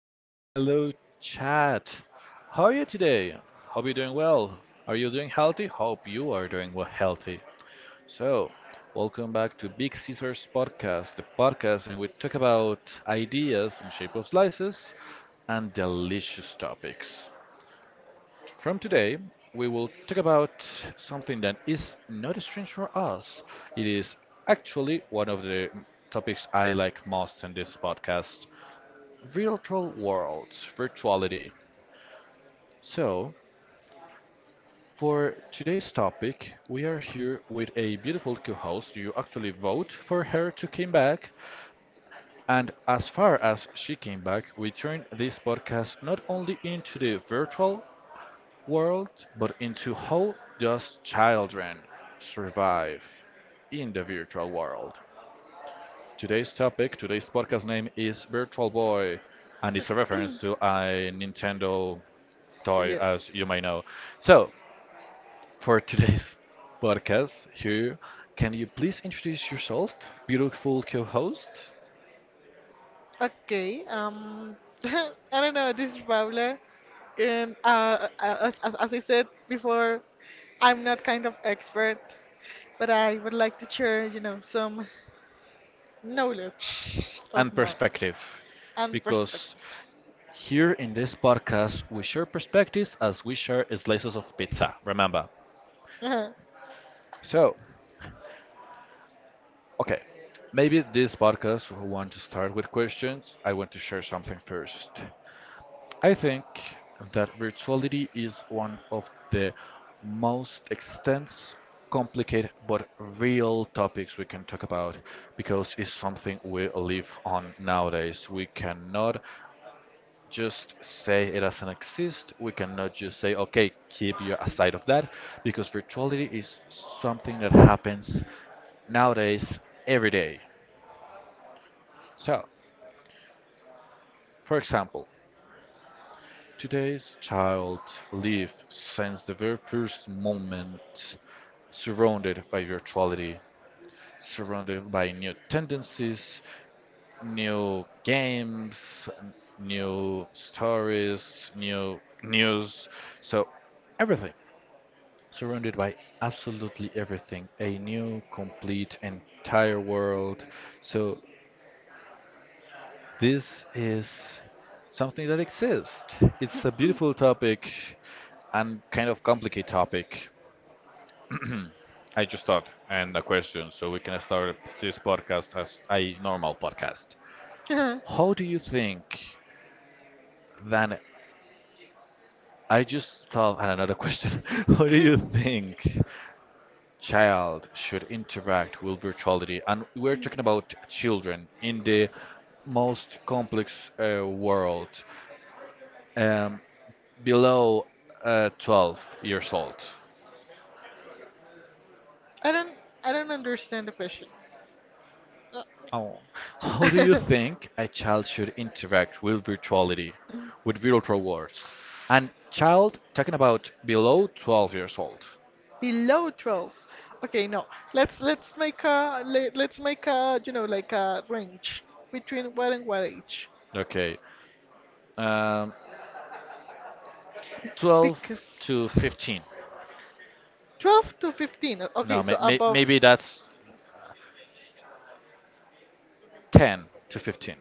listeners. Hello, chat. How are you today? Hope you're doing well. Are you doing healthy? Hope you are doing well healthy. So, welcome back to Big Caesars Podcast, the podcast in which we talk about ideas in shape of slices and delicious topics. From today, we will talk about something that is not strange for us. It is actually one of the topics I like most in this podcast virtual worlds, virtuality. So, for today's topic, we are here with a beautiful co-host. You actually vote for her to come back, and as far as she came back, we turn this podcast not only into the virtual world, but into how does children survive in the virtual world. Today's topic, today's podcast name is Virtual Boy, and it's a reference to a Nintendo toy, as you may know. So, for today's podcast here, can you please introduce yourself, beautiful co host, As I said before, I'm not kind of expert, but I would like to share, some knowledge of and mine perspective? and Because perspectives. here in this podcast, we share perspectives as we share slices of pizza, remember. Uh-huh. So, okay, maybe this podcast will want to start with questions. I want to share something first. I think that virtuality is one of the most extensive, complicated, but real topics we can talk about because it's something we live on nowadays. We cannot just say it doesn't exist. We cannot just say, okay, keep you aside of that because virtuality is something that happens nowadays every day. So, for example, today's child live since the very first moment surrounded by virtuality, surrounded by new tendencies, new games, new stories, new news. So everything surrounded by absolutely everything, a new, complete, entire world. So, this is something that exists. It's a beautiful topic and kind of complicated topic. I just thought and a question so we can start this podcast as a normal podcast. Uh-huh. How do you think then I just thought and another question. How do you think child should interact with virtuality? And we're talking about children in the most complex world. um, Below 12 years old. I don't I don't understand the question. Oh. How do you Uh, think a child should interact with virtuality, with virtual worlds? And child, talking about below 12 years old. Below 12. Okay, no. Let's make a let's make a, like a range between what and what age. Okay, um, 12 Because to 15. 12 to 15. Okay, No, so may may above. maybe that's 10 to 15.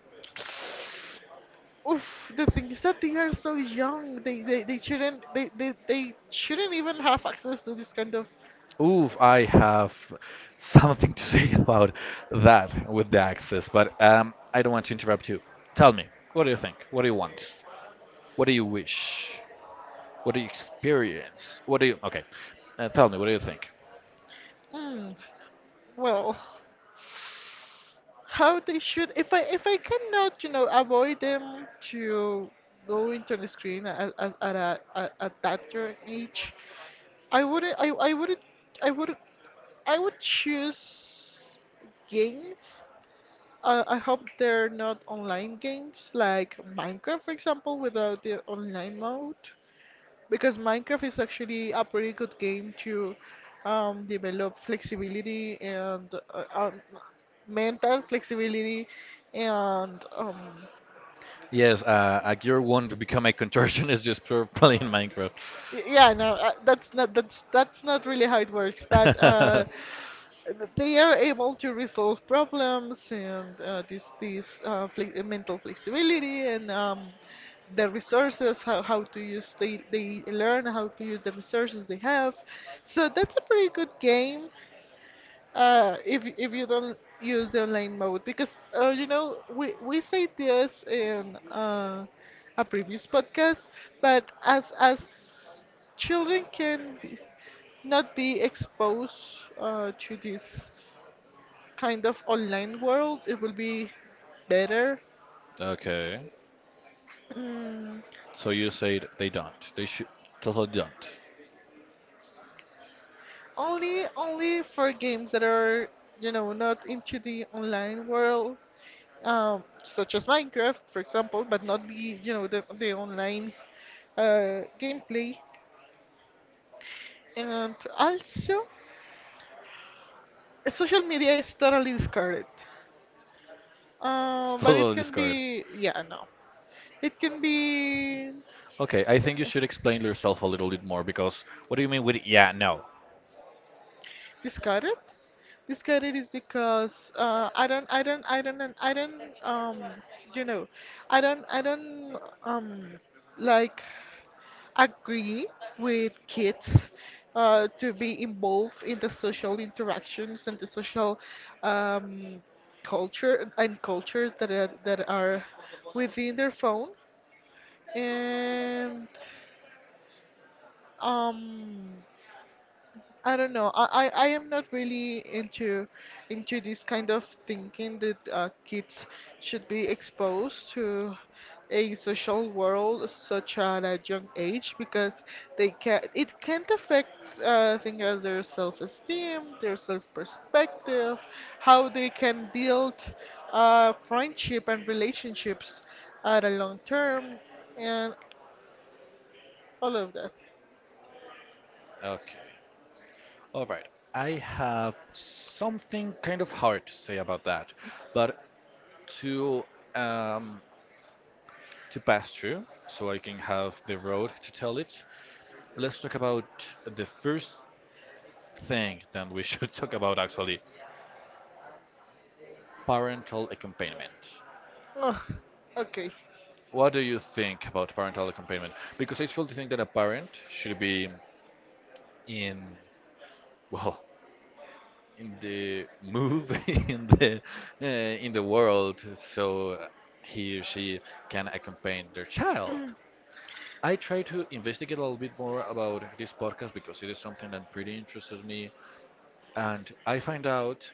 Oof, the thing is that they are so young. They shouldn't even have access to this kind of Ooh, I have something to say about that with the access, but I don't want to interrupt you. Tell me, what do you think? What do you want? What do you wish? What do you experience? What do you? Okay, tell me. What do you think? mm, well, how they should. If I cannot, avoid them to go into the screen at that young age, I wouldn't. I would I would choose games. I hope they're not online games like Minecraft, for example, without the online mode, because Minecraft is actually a pretty good game to develop flexibility and mental flexibility and Yes, a gear one to become a contortionist just for playing Minecraft. Y- Yeah, no, that's not that's not really how it works. But th- they are able to resolve problems and this mental flexibility and the resources. How to use, they learn how to use the resources they have. So that's a pretty good game. If you don't use the online mode, because you know, we say this in a previous podcast, but as children can be, not be exposed to this kind of online world, it will be better. Okay. Mm, So you said they don't. They should totally don't. Only for games that are, not into the online world, such as Minecraft, for example, but not the, the online gameplay, and also social media is totally discarded. It's But it totally can discard. be, yeah, no, it can be Okay, I think you uh, should explain yourself a little bit more because what do you mean with yeah, no? discarded. Discarded is because I don't, I don't, I don't, I don't, you know, I don't, um, like, agree with kids to be involved in the social interactions and the social um, culture and cultures that are within their phone and um I don't know. I am not really into this kind of thinking that kids should be exposed to a social world such at a young age, because they can it can't affect things as their self-esteem, their self-perspective, how they can build friendship and relationships at a long term, and all of that. Okay. All right. I have something kind of hard to say about that, but to um, to pass through so I can have the road to tell it. Let's talk about the first thing that we should talk about actually parental accompaniment. Ugh, okay. What do you think about parental accompaniment? Because I truly think that a parent should be in, well, in the move, uh, in the world, so he or she can accompany their child. I try to investigate a little bit more about this podcast because it is something that pretty interests me. And I find out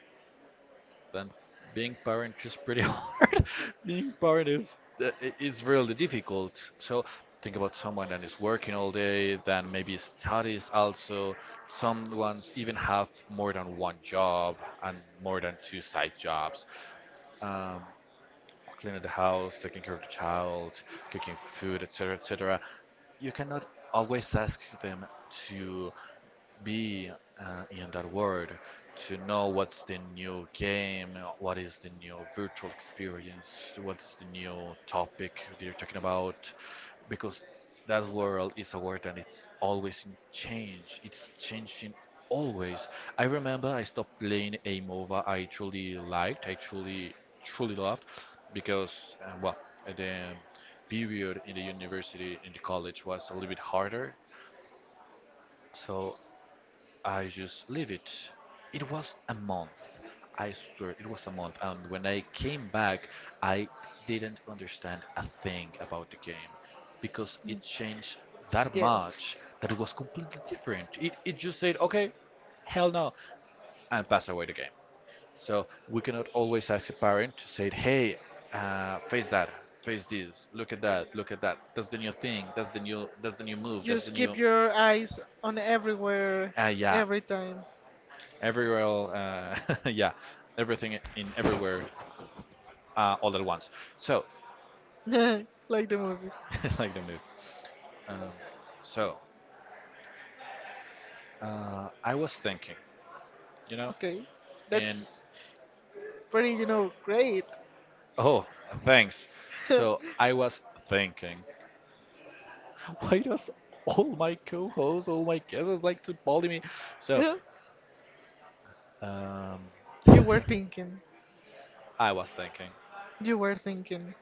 that being parent is pretty hard. Being parent is really difficult. So think about someone that is working all day, then maybe studies also. Some ones even have more than one job and more than two side jobs. Um, Cleaning the house, taking care of the child, cooking food, etc., etc. You cannot always ask them to be in that world to know what's the new game, what is the new virtual experience, what's the new topic they're talking about, because that world is a world and it's always in change. It's changing always. I remember I stopped playing a MOBA I truly liked, I truly loved, because well, the period in the university in the college was a little bit harder, so I just leave it. It was a month. I swear it was a month. And when I came back, I didn't understand a thing about the game because it Mm. changed that Yes. much that it was completely different. It just said, okay, hell no, and passed away the game. So we cannot always ask a parent to say, hey, face that, face this, look at that, look at that. That's the new thing. That's the new. That's the new move. That's the Just new. keep your eyes on everywhere, Yeah, every time, everywhere. Yeah, everything in everywhere all at once. So, like the movie. like the move. Um, so, I was thinking, you know, Okay, and that's pretty, great. oh, thanks. So, I was thinking, why does all my co-hosts, all my guests like to bully me? So, um, You were thinking. I was thinking You were thinking.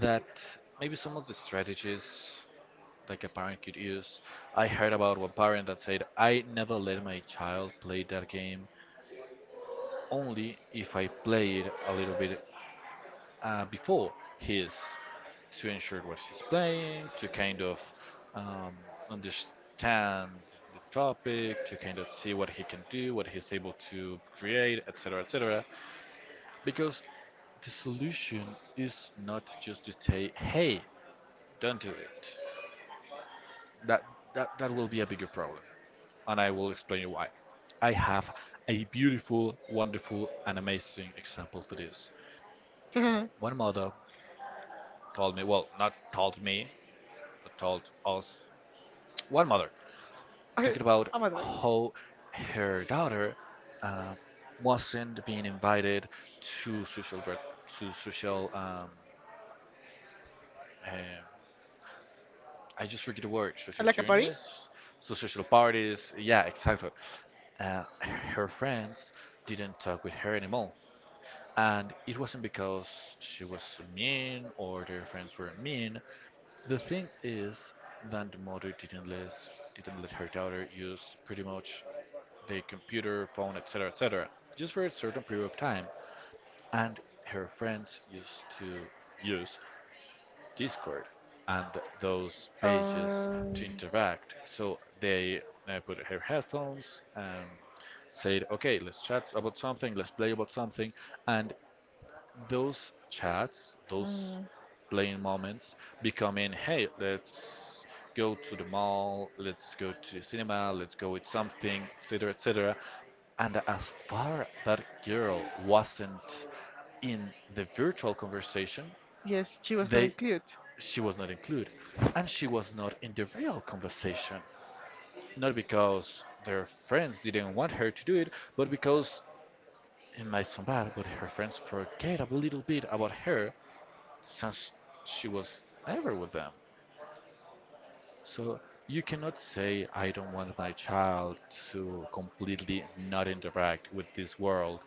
that maybe some of the strategies like a parent could use. I heard about one parent that said, I never let my child play that game only if I play it a little bit before his to ensure what he's playing, to kind of um, understand the topic, to kind of see what he can do, what he's able to create, etc., etc. Because the solution is not just to say, "Hey, don't do it." That that will be a bigger problem. And I will explain you why. I have a beautiful, wonderful, and amazing example for this. I, One mother told me, well, not told me, but told us, one mother, I'm talking about a door. how her daughter uh, wasn't being invited to social, uh, I just forget the word, social Like a party. journeys, so social parties, yeah, exactly. Her friends didn't talk with her anymore. And it wasn't because she was mean or their friends were mean. The thing is that the mother didn't let her daughter use pretty much the computer, phone, etc., etc., just for a certain period of time. And her friends used to use Discord and those pages Um, to interact. So they put her headphones, said, "Okay, let's chat about something, let's play about something," and those chats, those mm, playing moments becoming, hey, let's go to the mall, let's go to the cinema, let's go with something, etc., etc. And as far that girl wasn't in the virtual conversation, yes, she was not they included. she was not included, and she was not in the real conversation. Not because their friends didn't want her to do it, but because in my sound bad, but her friends forget a little bit about her since she was never with them. So you cannot say, I don't want my child to completely not interact with this world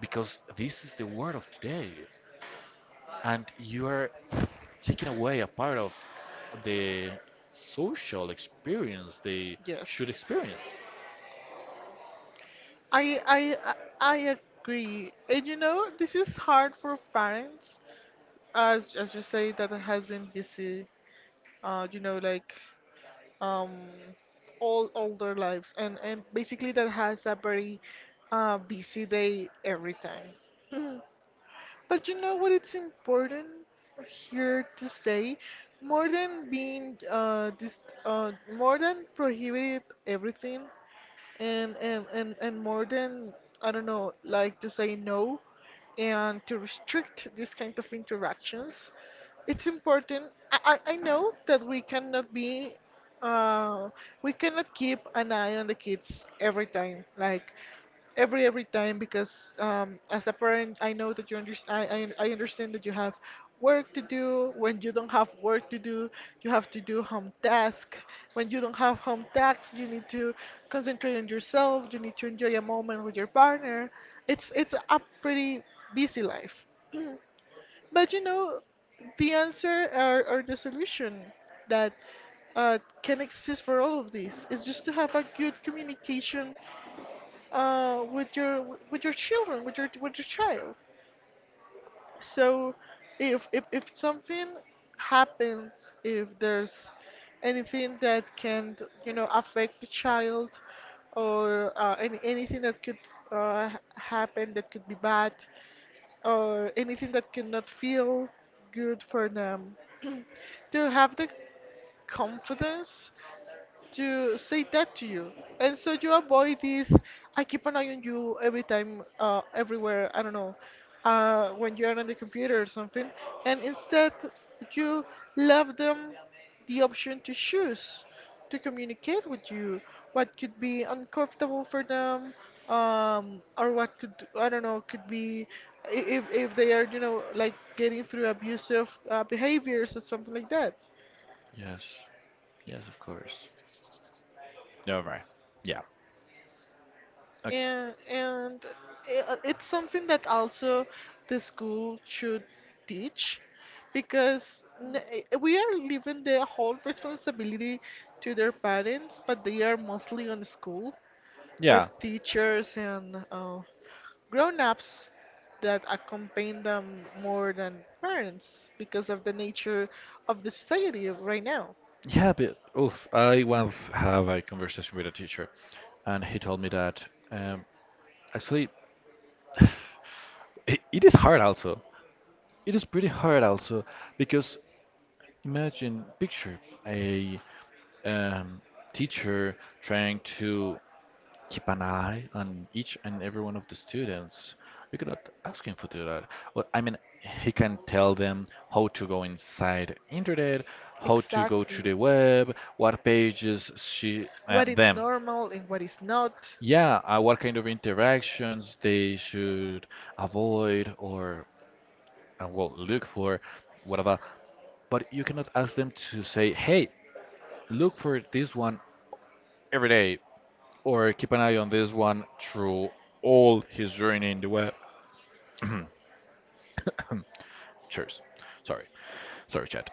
because this is the world of today. And you are taking away a part of the social experience they should Yes. experience. I, I, I I agree. And you know, this is hard for parents, as you say that it has been busy. You know, like, um, all their lives, and basically that has a very busy day every time. But you know what? It's important here to say, more than being dis more than prohibited everything, and more than, I don't know, like to say no and to restrict this kind of interactions. It's important. I know that we cannot be uh, we cannot keep an eye on the kids every time. Like, every time, because as a parent, I know that you understand. I understand that you have work to do. When you don't have work to do, you have to do home task. When you don't have home tasks, you need to concentrate on yourself. You need to enjoy a moment with your partner. It's it's a pretty busy life. But you know, the answer, or the solution that uh, can exist for all of this is just to have a good communication with your children, with your child. So if something happens, if there's anything that can, affect the child, or anything that could happen that could be bad, or anything that could not feel good for them, to have the confidence to say that to you. And so you avoid this. I keep an eye on you every time, everywhere. I don't know, when you are on the computer or something. And instead, you left them the option to choose to communicate with you. What could be uncomfortable for them, or what could, I don't know, could be if they are, like, getting through abusive behaviors or something like that. Yes, yes, of course. No, right. Yeah. Okay. And, and it's something that also the school should teach, because we are leaving the whole responsibility to their parents, but they are mostly on the school with Yeah. teachers and grown-ups that accompany them more than parents, because of the nature of the society right now. Yeah, but oof, I once have a conversation with a teacher, and he told me that um, actually it is hard also. It is pretty hard also because imagine picture a um, teacher trying to keep an eye on each and every one of the students. We cannot ask him to do that. Well, I mean, he can tell them how to go inside internet, how to go Exactly. to the web, what pages she them. Normal and what is not. Yeah, what kind of interactions they Uh, should avoid or well look for, whatever. But you cannot ask them to say, "Hey, look for this one every day," or "Keep an eye on this one through all his journey in the web." Cheers. Sorry, sorry, chat.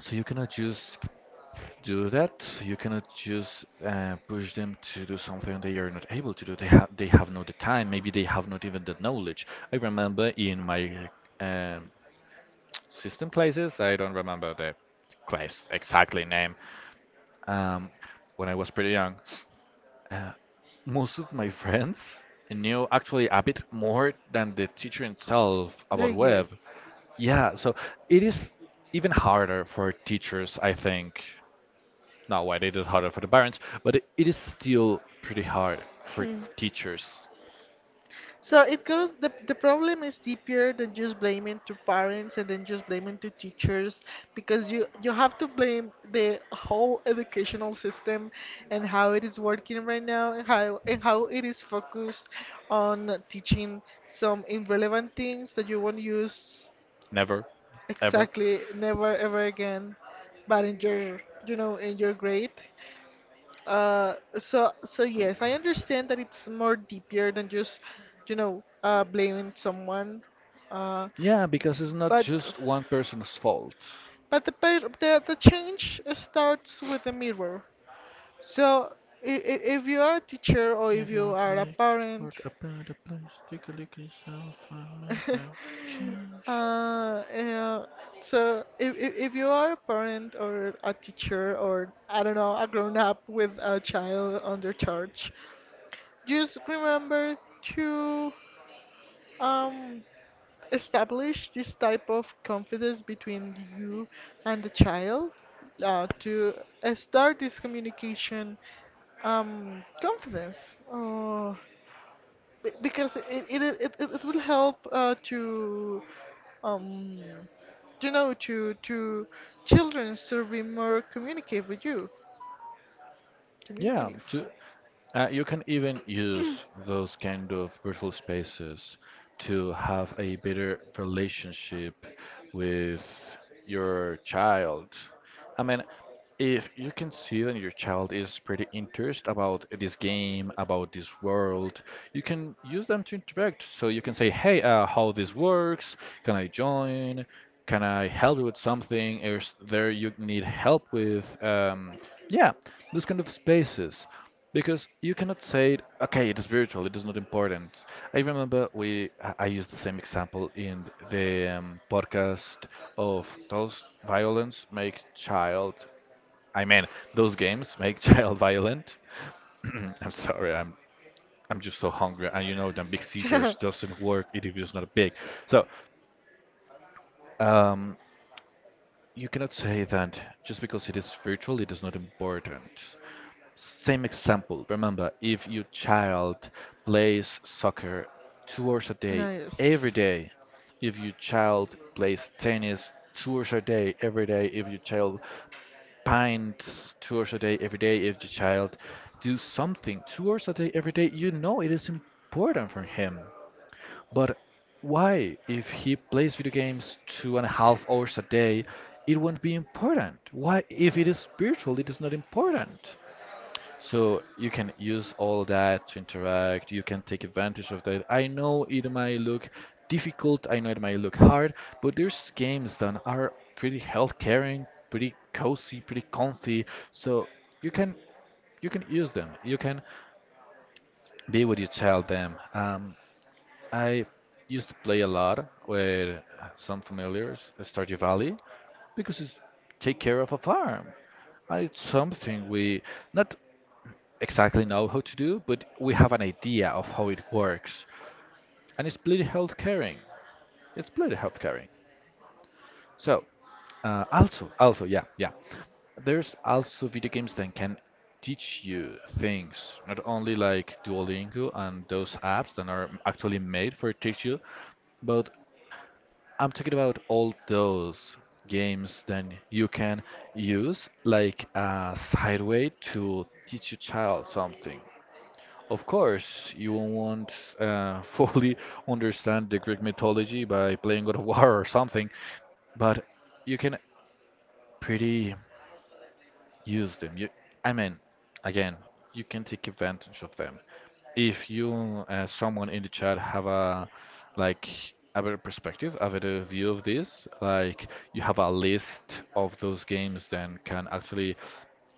So you cannot just do that. You cannot just push them to do something they are not able to do. They have not the time. Maybe they have not even the knowledge. I remember in my um, system classes, I don't remember the class exactly name. Um, when I was pretty young, uh, most of my friends knew actually a bit more than the teacher himself about web. Yeah, so it is even harder for teachers, I think. Not why they did harder for the parents, but it is still pretty hard for teachers. So it goes, the problem is deeper than just blaming to parents and then just blaming to teachers, because you have to blame the whole educational system and how it is working right now, and how it is focused on teaching some irrelevant things that you won't use, Never, ever. exactly, never ever again, but in your, you know, in your grade. So so yes, I understand that it's more deeper than just, you know, blaming someone. Uh, Yeah, because it's not but just one person's fault. but the change starts with the mirror. So if you are a teacher or if you are a parent, I'll make a change. uh, uh, so if you are a parent or a teacher, or I don't know, a grown up with a child under charge, just remember to um, establish this type of confidence between you and the child, to start this communication, confidence. Uh, because it will help to um, you know, to children to be more communicate with you, Yeah, communicative. to uh, you can even use those kind of virtual spaces to have a better relationship with your child. I mean, if you can see that your child is pretty interested about this game, about this world, you can use them to interact. So you can say, "Hey, how this works? Can I join? Can I help you with something? Is there you need help with?" Yeah, those kind of spaces. Because you cannot say, okay, it is virtual, it is not important. I remember we I used the same example in the podcast of those violence make child. I mean, those games make child violent. I'm sorry, I'm just so hungry, and you know that Big Caesars doesn't work if it's not big. So, um, You cannot say that just because it is virtual, it is not important. Same example, remember, if your child plays soccer 2 hours a day, every Nice. day, if your child plays tennis 2 hours a day, every day, if your child paints 2 hours a day, every day, if your child do something 2 hours a day, every day, you know it is important for him. But why, if he plays video games two and a half hours a day, it won't be important? Why, if it is spiritual, it is not important? So you can use all that to interact, you can take advantage of that. I know it might look difficult, I know it might look hard, but there's games that are pretty health caring, pretty cozy, pretty comfy. So you can you can use them. You can be what you tell them. I used to play a lot with some familiars, Stardew Valley, because it's take care of a farm. And it's something we not exactly know how to do, but we have an idea of how it works. And it's pretty health caring. It's pretty health caring. So, yeah, yeah. There's also video games that can teach you things, not only like Duolingo and those apps that are actually made for teach you, but I'm talking about all those games that you can use like a side way to teach your child something. Of course, you won't fully understand the Greek mythology by playing God of War or something, but you can pretty use them. You, I mean, again, you can take advantage of them. If you, someone in the chat, have a like a better perspective, a better view of this, like you have a list of those games, then can actually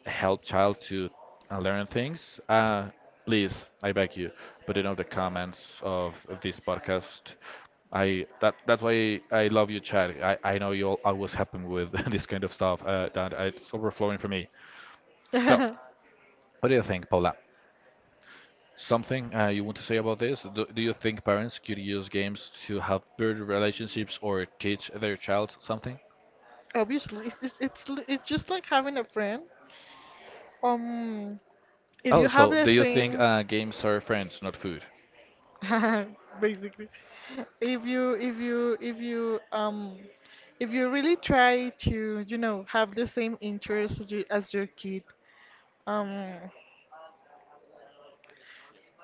help child to learn things. Please, I beg you, put it on the comments of this podcast. I that that's why I love you, Chad. I know you all always happen with this kind of stuff. That it's overflowing for me. So, what do you think, Paula? Something you want to say about this? Do you think parents could use games to help build relationships or teach their child something? Obviously, it's just like having a friend. Um, if Oh, you have so the do you think same, games are friends, not food? basically, if you if you if you um if you really try to, you know, have the same interests as, you, as your kid, um,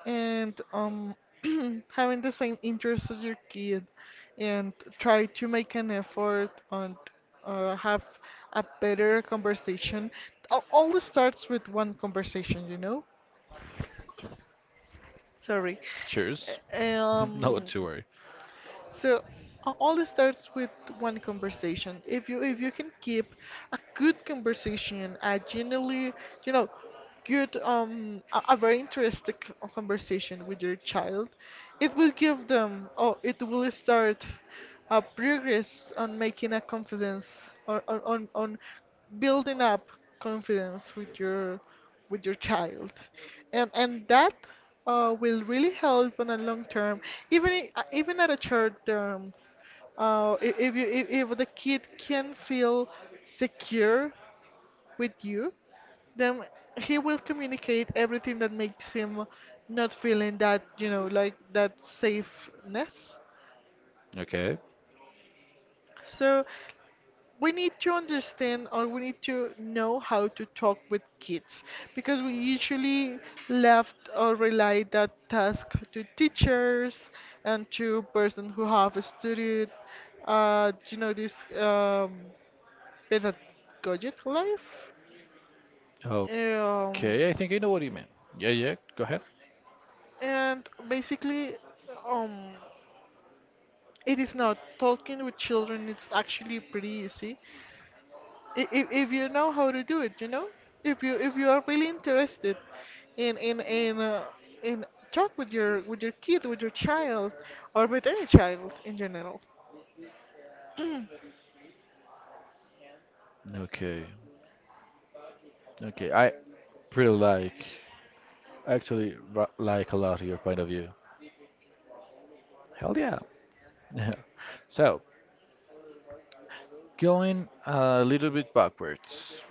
and having the same interests as your kid, and try to make an effort and have a better conversation. All starts with one conversation, you know? Sorry. Cheers. Uh, Um, Not to worry. so all it starts with one conversation. If you can keep a good conversation, a genuinely, you know, good, a very interesting conversation with your child, it will give them, it will start a progress on making a confidence, or on building up confidence with your child. And that will really help on a long term, even even at a short term. If you if the kid can feel secure with you, then he will communicate everything that makes him not feeling that, you know, like that safeness. Okay. So we need to understand, or we need to know how to talk with kids, because we usually left or rely that task to teachers and to person who have studied you know, this um, pedagogic life, um, Okay, I think I know what you mean. Yeah, yeah, go ahead. and basically, um, it is not, talking with children it's actually pretty easy if you know how to do it. You know, if you are really interested in in in uh, in talk with your kid, with your child, or with any child in general. Okay. Okay, I pretty like, actually like a lot your point of view. Hell yeah. So, going a little bit backwards.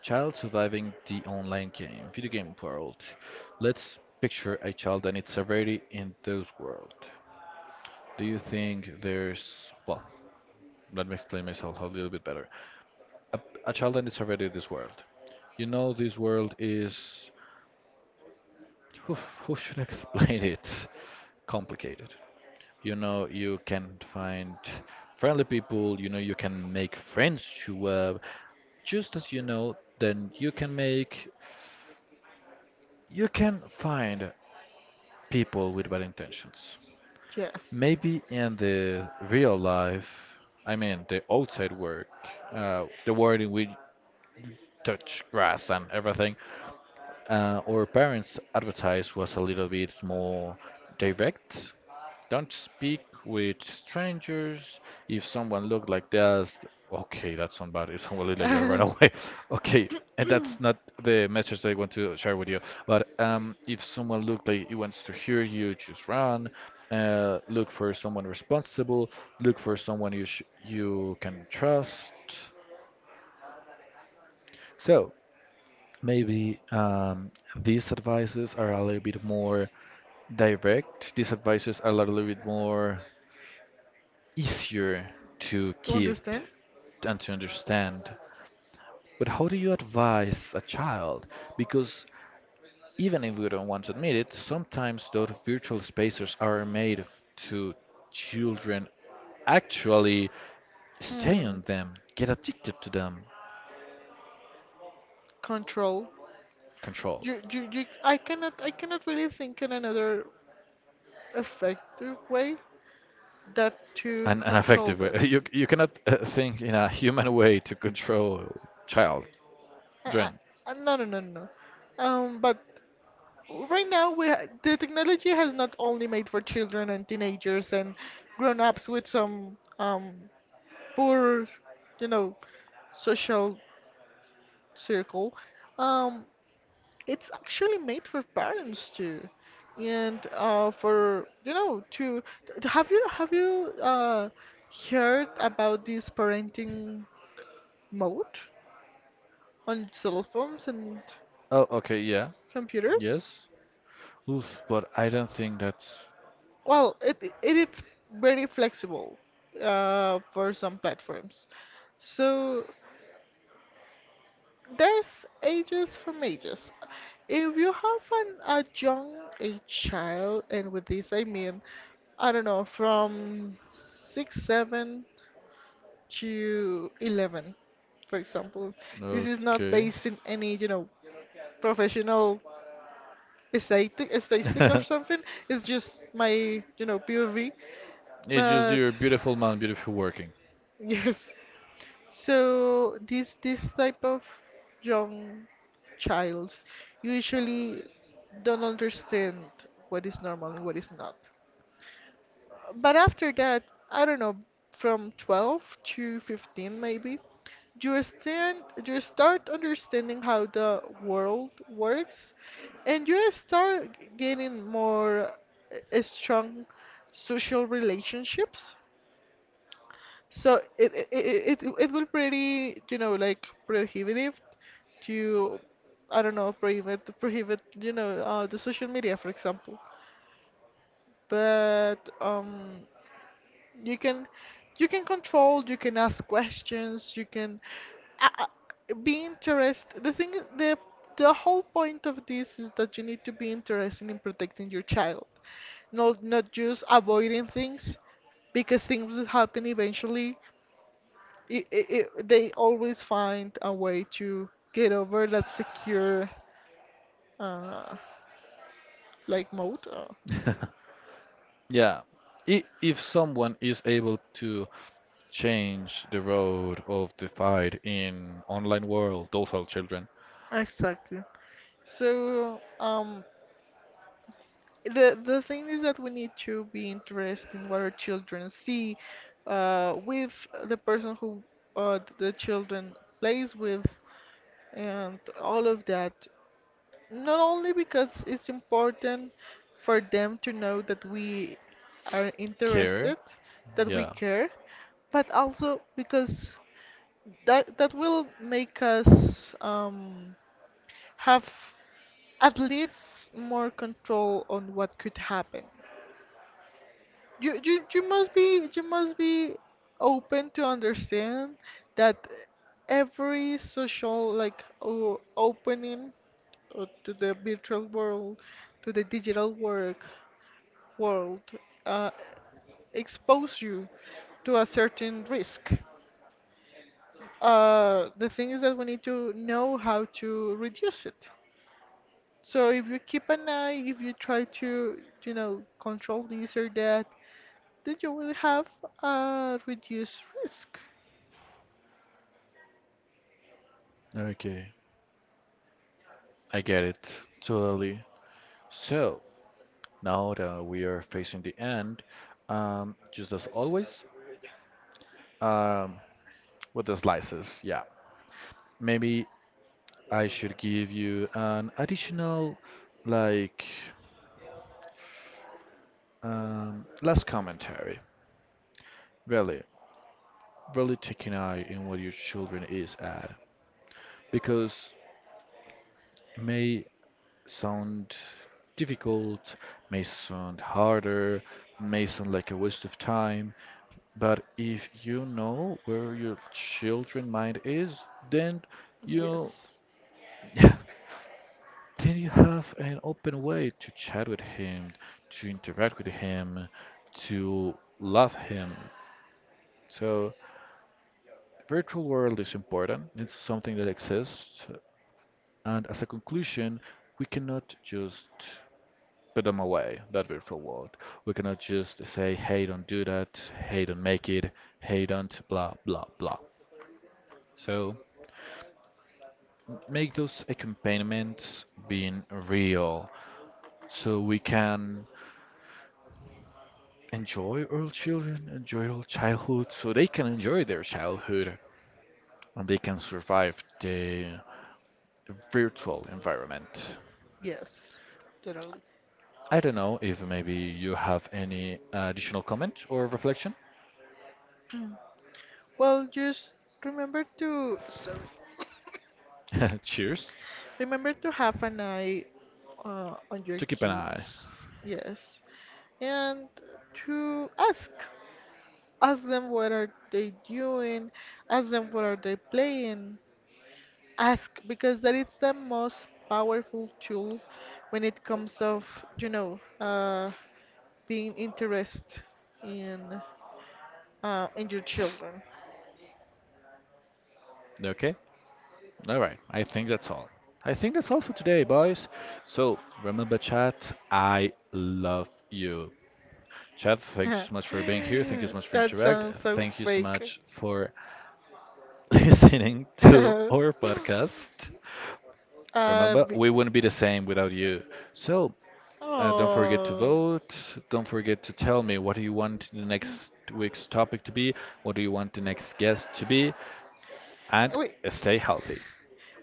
Child surviving the online game, video game world. Let's picture a child and its severity in those world. Do you think there's well, let me explain myself a little bit better. A, a child and its severity in this world. You know this world is oof, how should I explain it? Complicated. You know you can find friendly people, you know you can make friends to just as you know, then you can make, you can find people with bad intentions. Yes. Maybe in the real life, I mean the outside work, the world in which touch grass and everything, our parents' advertise was a little bit more direct. Don't speak with strangers. If someone looked like that, okay, that's somebody. If someone looked like that, run away. Okay, and that's not the message that I want to share with you. But if someone looked like he wants to hear you, just run. Look for someone responsible. Look for someone you can trust. So. Maybe these advices are a little bit more direct. These advices are a little bit more easier to keep Understand. and to understand. But how do you advise a child? Because even if we don't want to admit it, sometimes those virtual spaces are made to children actually stay Hmm. on them, get addicted to them. Control. Control. You, you you i cannot, I cannot really think in another effective way that to An control effective way. that. You cannot think in a human way to control child. I, I, Dren. I- no no no no no. But right now we the technology has not only made for children and teenagers and grown-ups with some poor, you know, social circle. um, it's actually made for parents too, and for, you know, to have you heard about this parenting mode on cell phones and Oh, okay, yeah. computers? Yes. Oof, but I don't think that's Well, it is very flexible for some platforms. So there's ages from ages. If you have an, a young a child, and with this I mean, I don't know, from 6, 7 to 11, for example. This is not okay. based in any, you know, professional statistic or something. It's just my, you know, POV, It's just but. your beautiful man, beautiful working. Yes. So this type of young childs usually don't understand what is normal and what is not. But after that, I don't know, from 12 to 15 maybe, you stand, you start understanding how the world works, and you start gaining more strong social relationships. So it will pretty, you know, like prohibitive to, I don't know, prohibit, you know, the social media, for example. But you can, you can control, you can ask questions, you can uh, uh, be interested. The thing is, the whole point of this is that you need to be interested in protecting your child, not just avoiding things, because things will happen eventually. it, it, it, they always find a way to get over that secure uh, like mode. Yeah. If someone is able to change the road of the fight in online world, docile children. Exactly. So the thing is that we need to be interested in what our children see, with the person who the children plays with, and all of that. Not only because it's important for them to know that we are Care? interested, that we Yeah. care, but also because that will make us have at least more control on what could happen. You must be, you must be open to understand that every social like opening or to the virtual world, to the digital work world, uh, expose you to a certain risk. The thing is that we need to know how to reduce it. So if you keep an eye, if you try to, you know, control this or that, then you will have a reduced risk. Okay. I get it. Totally. So, now that we are facing the end, just as always, um, with the slices, yeah. Maybe I should give you an additional, like, last commentary. Really, really taking eye in what your children is at. Because may sound difficult, may sound harder, may sound like a waste of time, but if you know where your children mind is, then you Yes, then you have an open way to chat with him, to interact with him, to love him. So virtual world is important. It's something that exists, and as a conclusion, we cannot just put them away that we're forward. We cannot just say, hey, don't do that, hey, don't make it, hey, don't, blah, blah, blah. So make those accompaniments being real so we can enjoy our children, enjoy our childhood, so they can enjoy their childhood and they can survive the virtual environment. yes, totally. I don't know if maybe you have any additional comment or reflection. Well, just remember to, Cheers remember to have an eye on your to keep an eye. kids. Yes. And to ask, ask them what are they doing, ask them what are they playing, ask, because that is the most powerful tool when it comes of, you know, being interest in in your children. Okay. All right, I think that's all. I think that's all for today, boys. So remember, chat, I love you. Chat, thanks so much for being here. Thank you so much for That interact. sounds so Thank you so fake. much for listening to our podcast. Uh, Remember, b- we wouldn't be the same without you. So don't forget to oh. vote. Don't forget to tell me what do you want the next week's topic to be. What do you want the next guest to be? And Wait, stay healthy.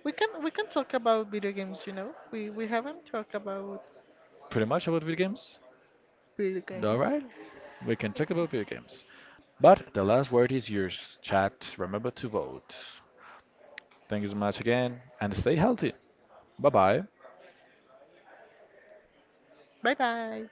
We can talk about video games, you know. We haven't talked about Pretty much about video games. video games. Alright, we can talk about video games. But the last word is yours, chat. Remember to vote. Thank you so much again, and stay healthy. Bye bye. Bye bye.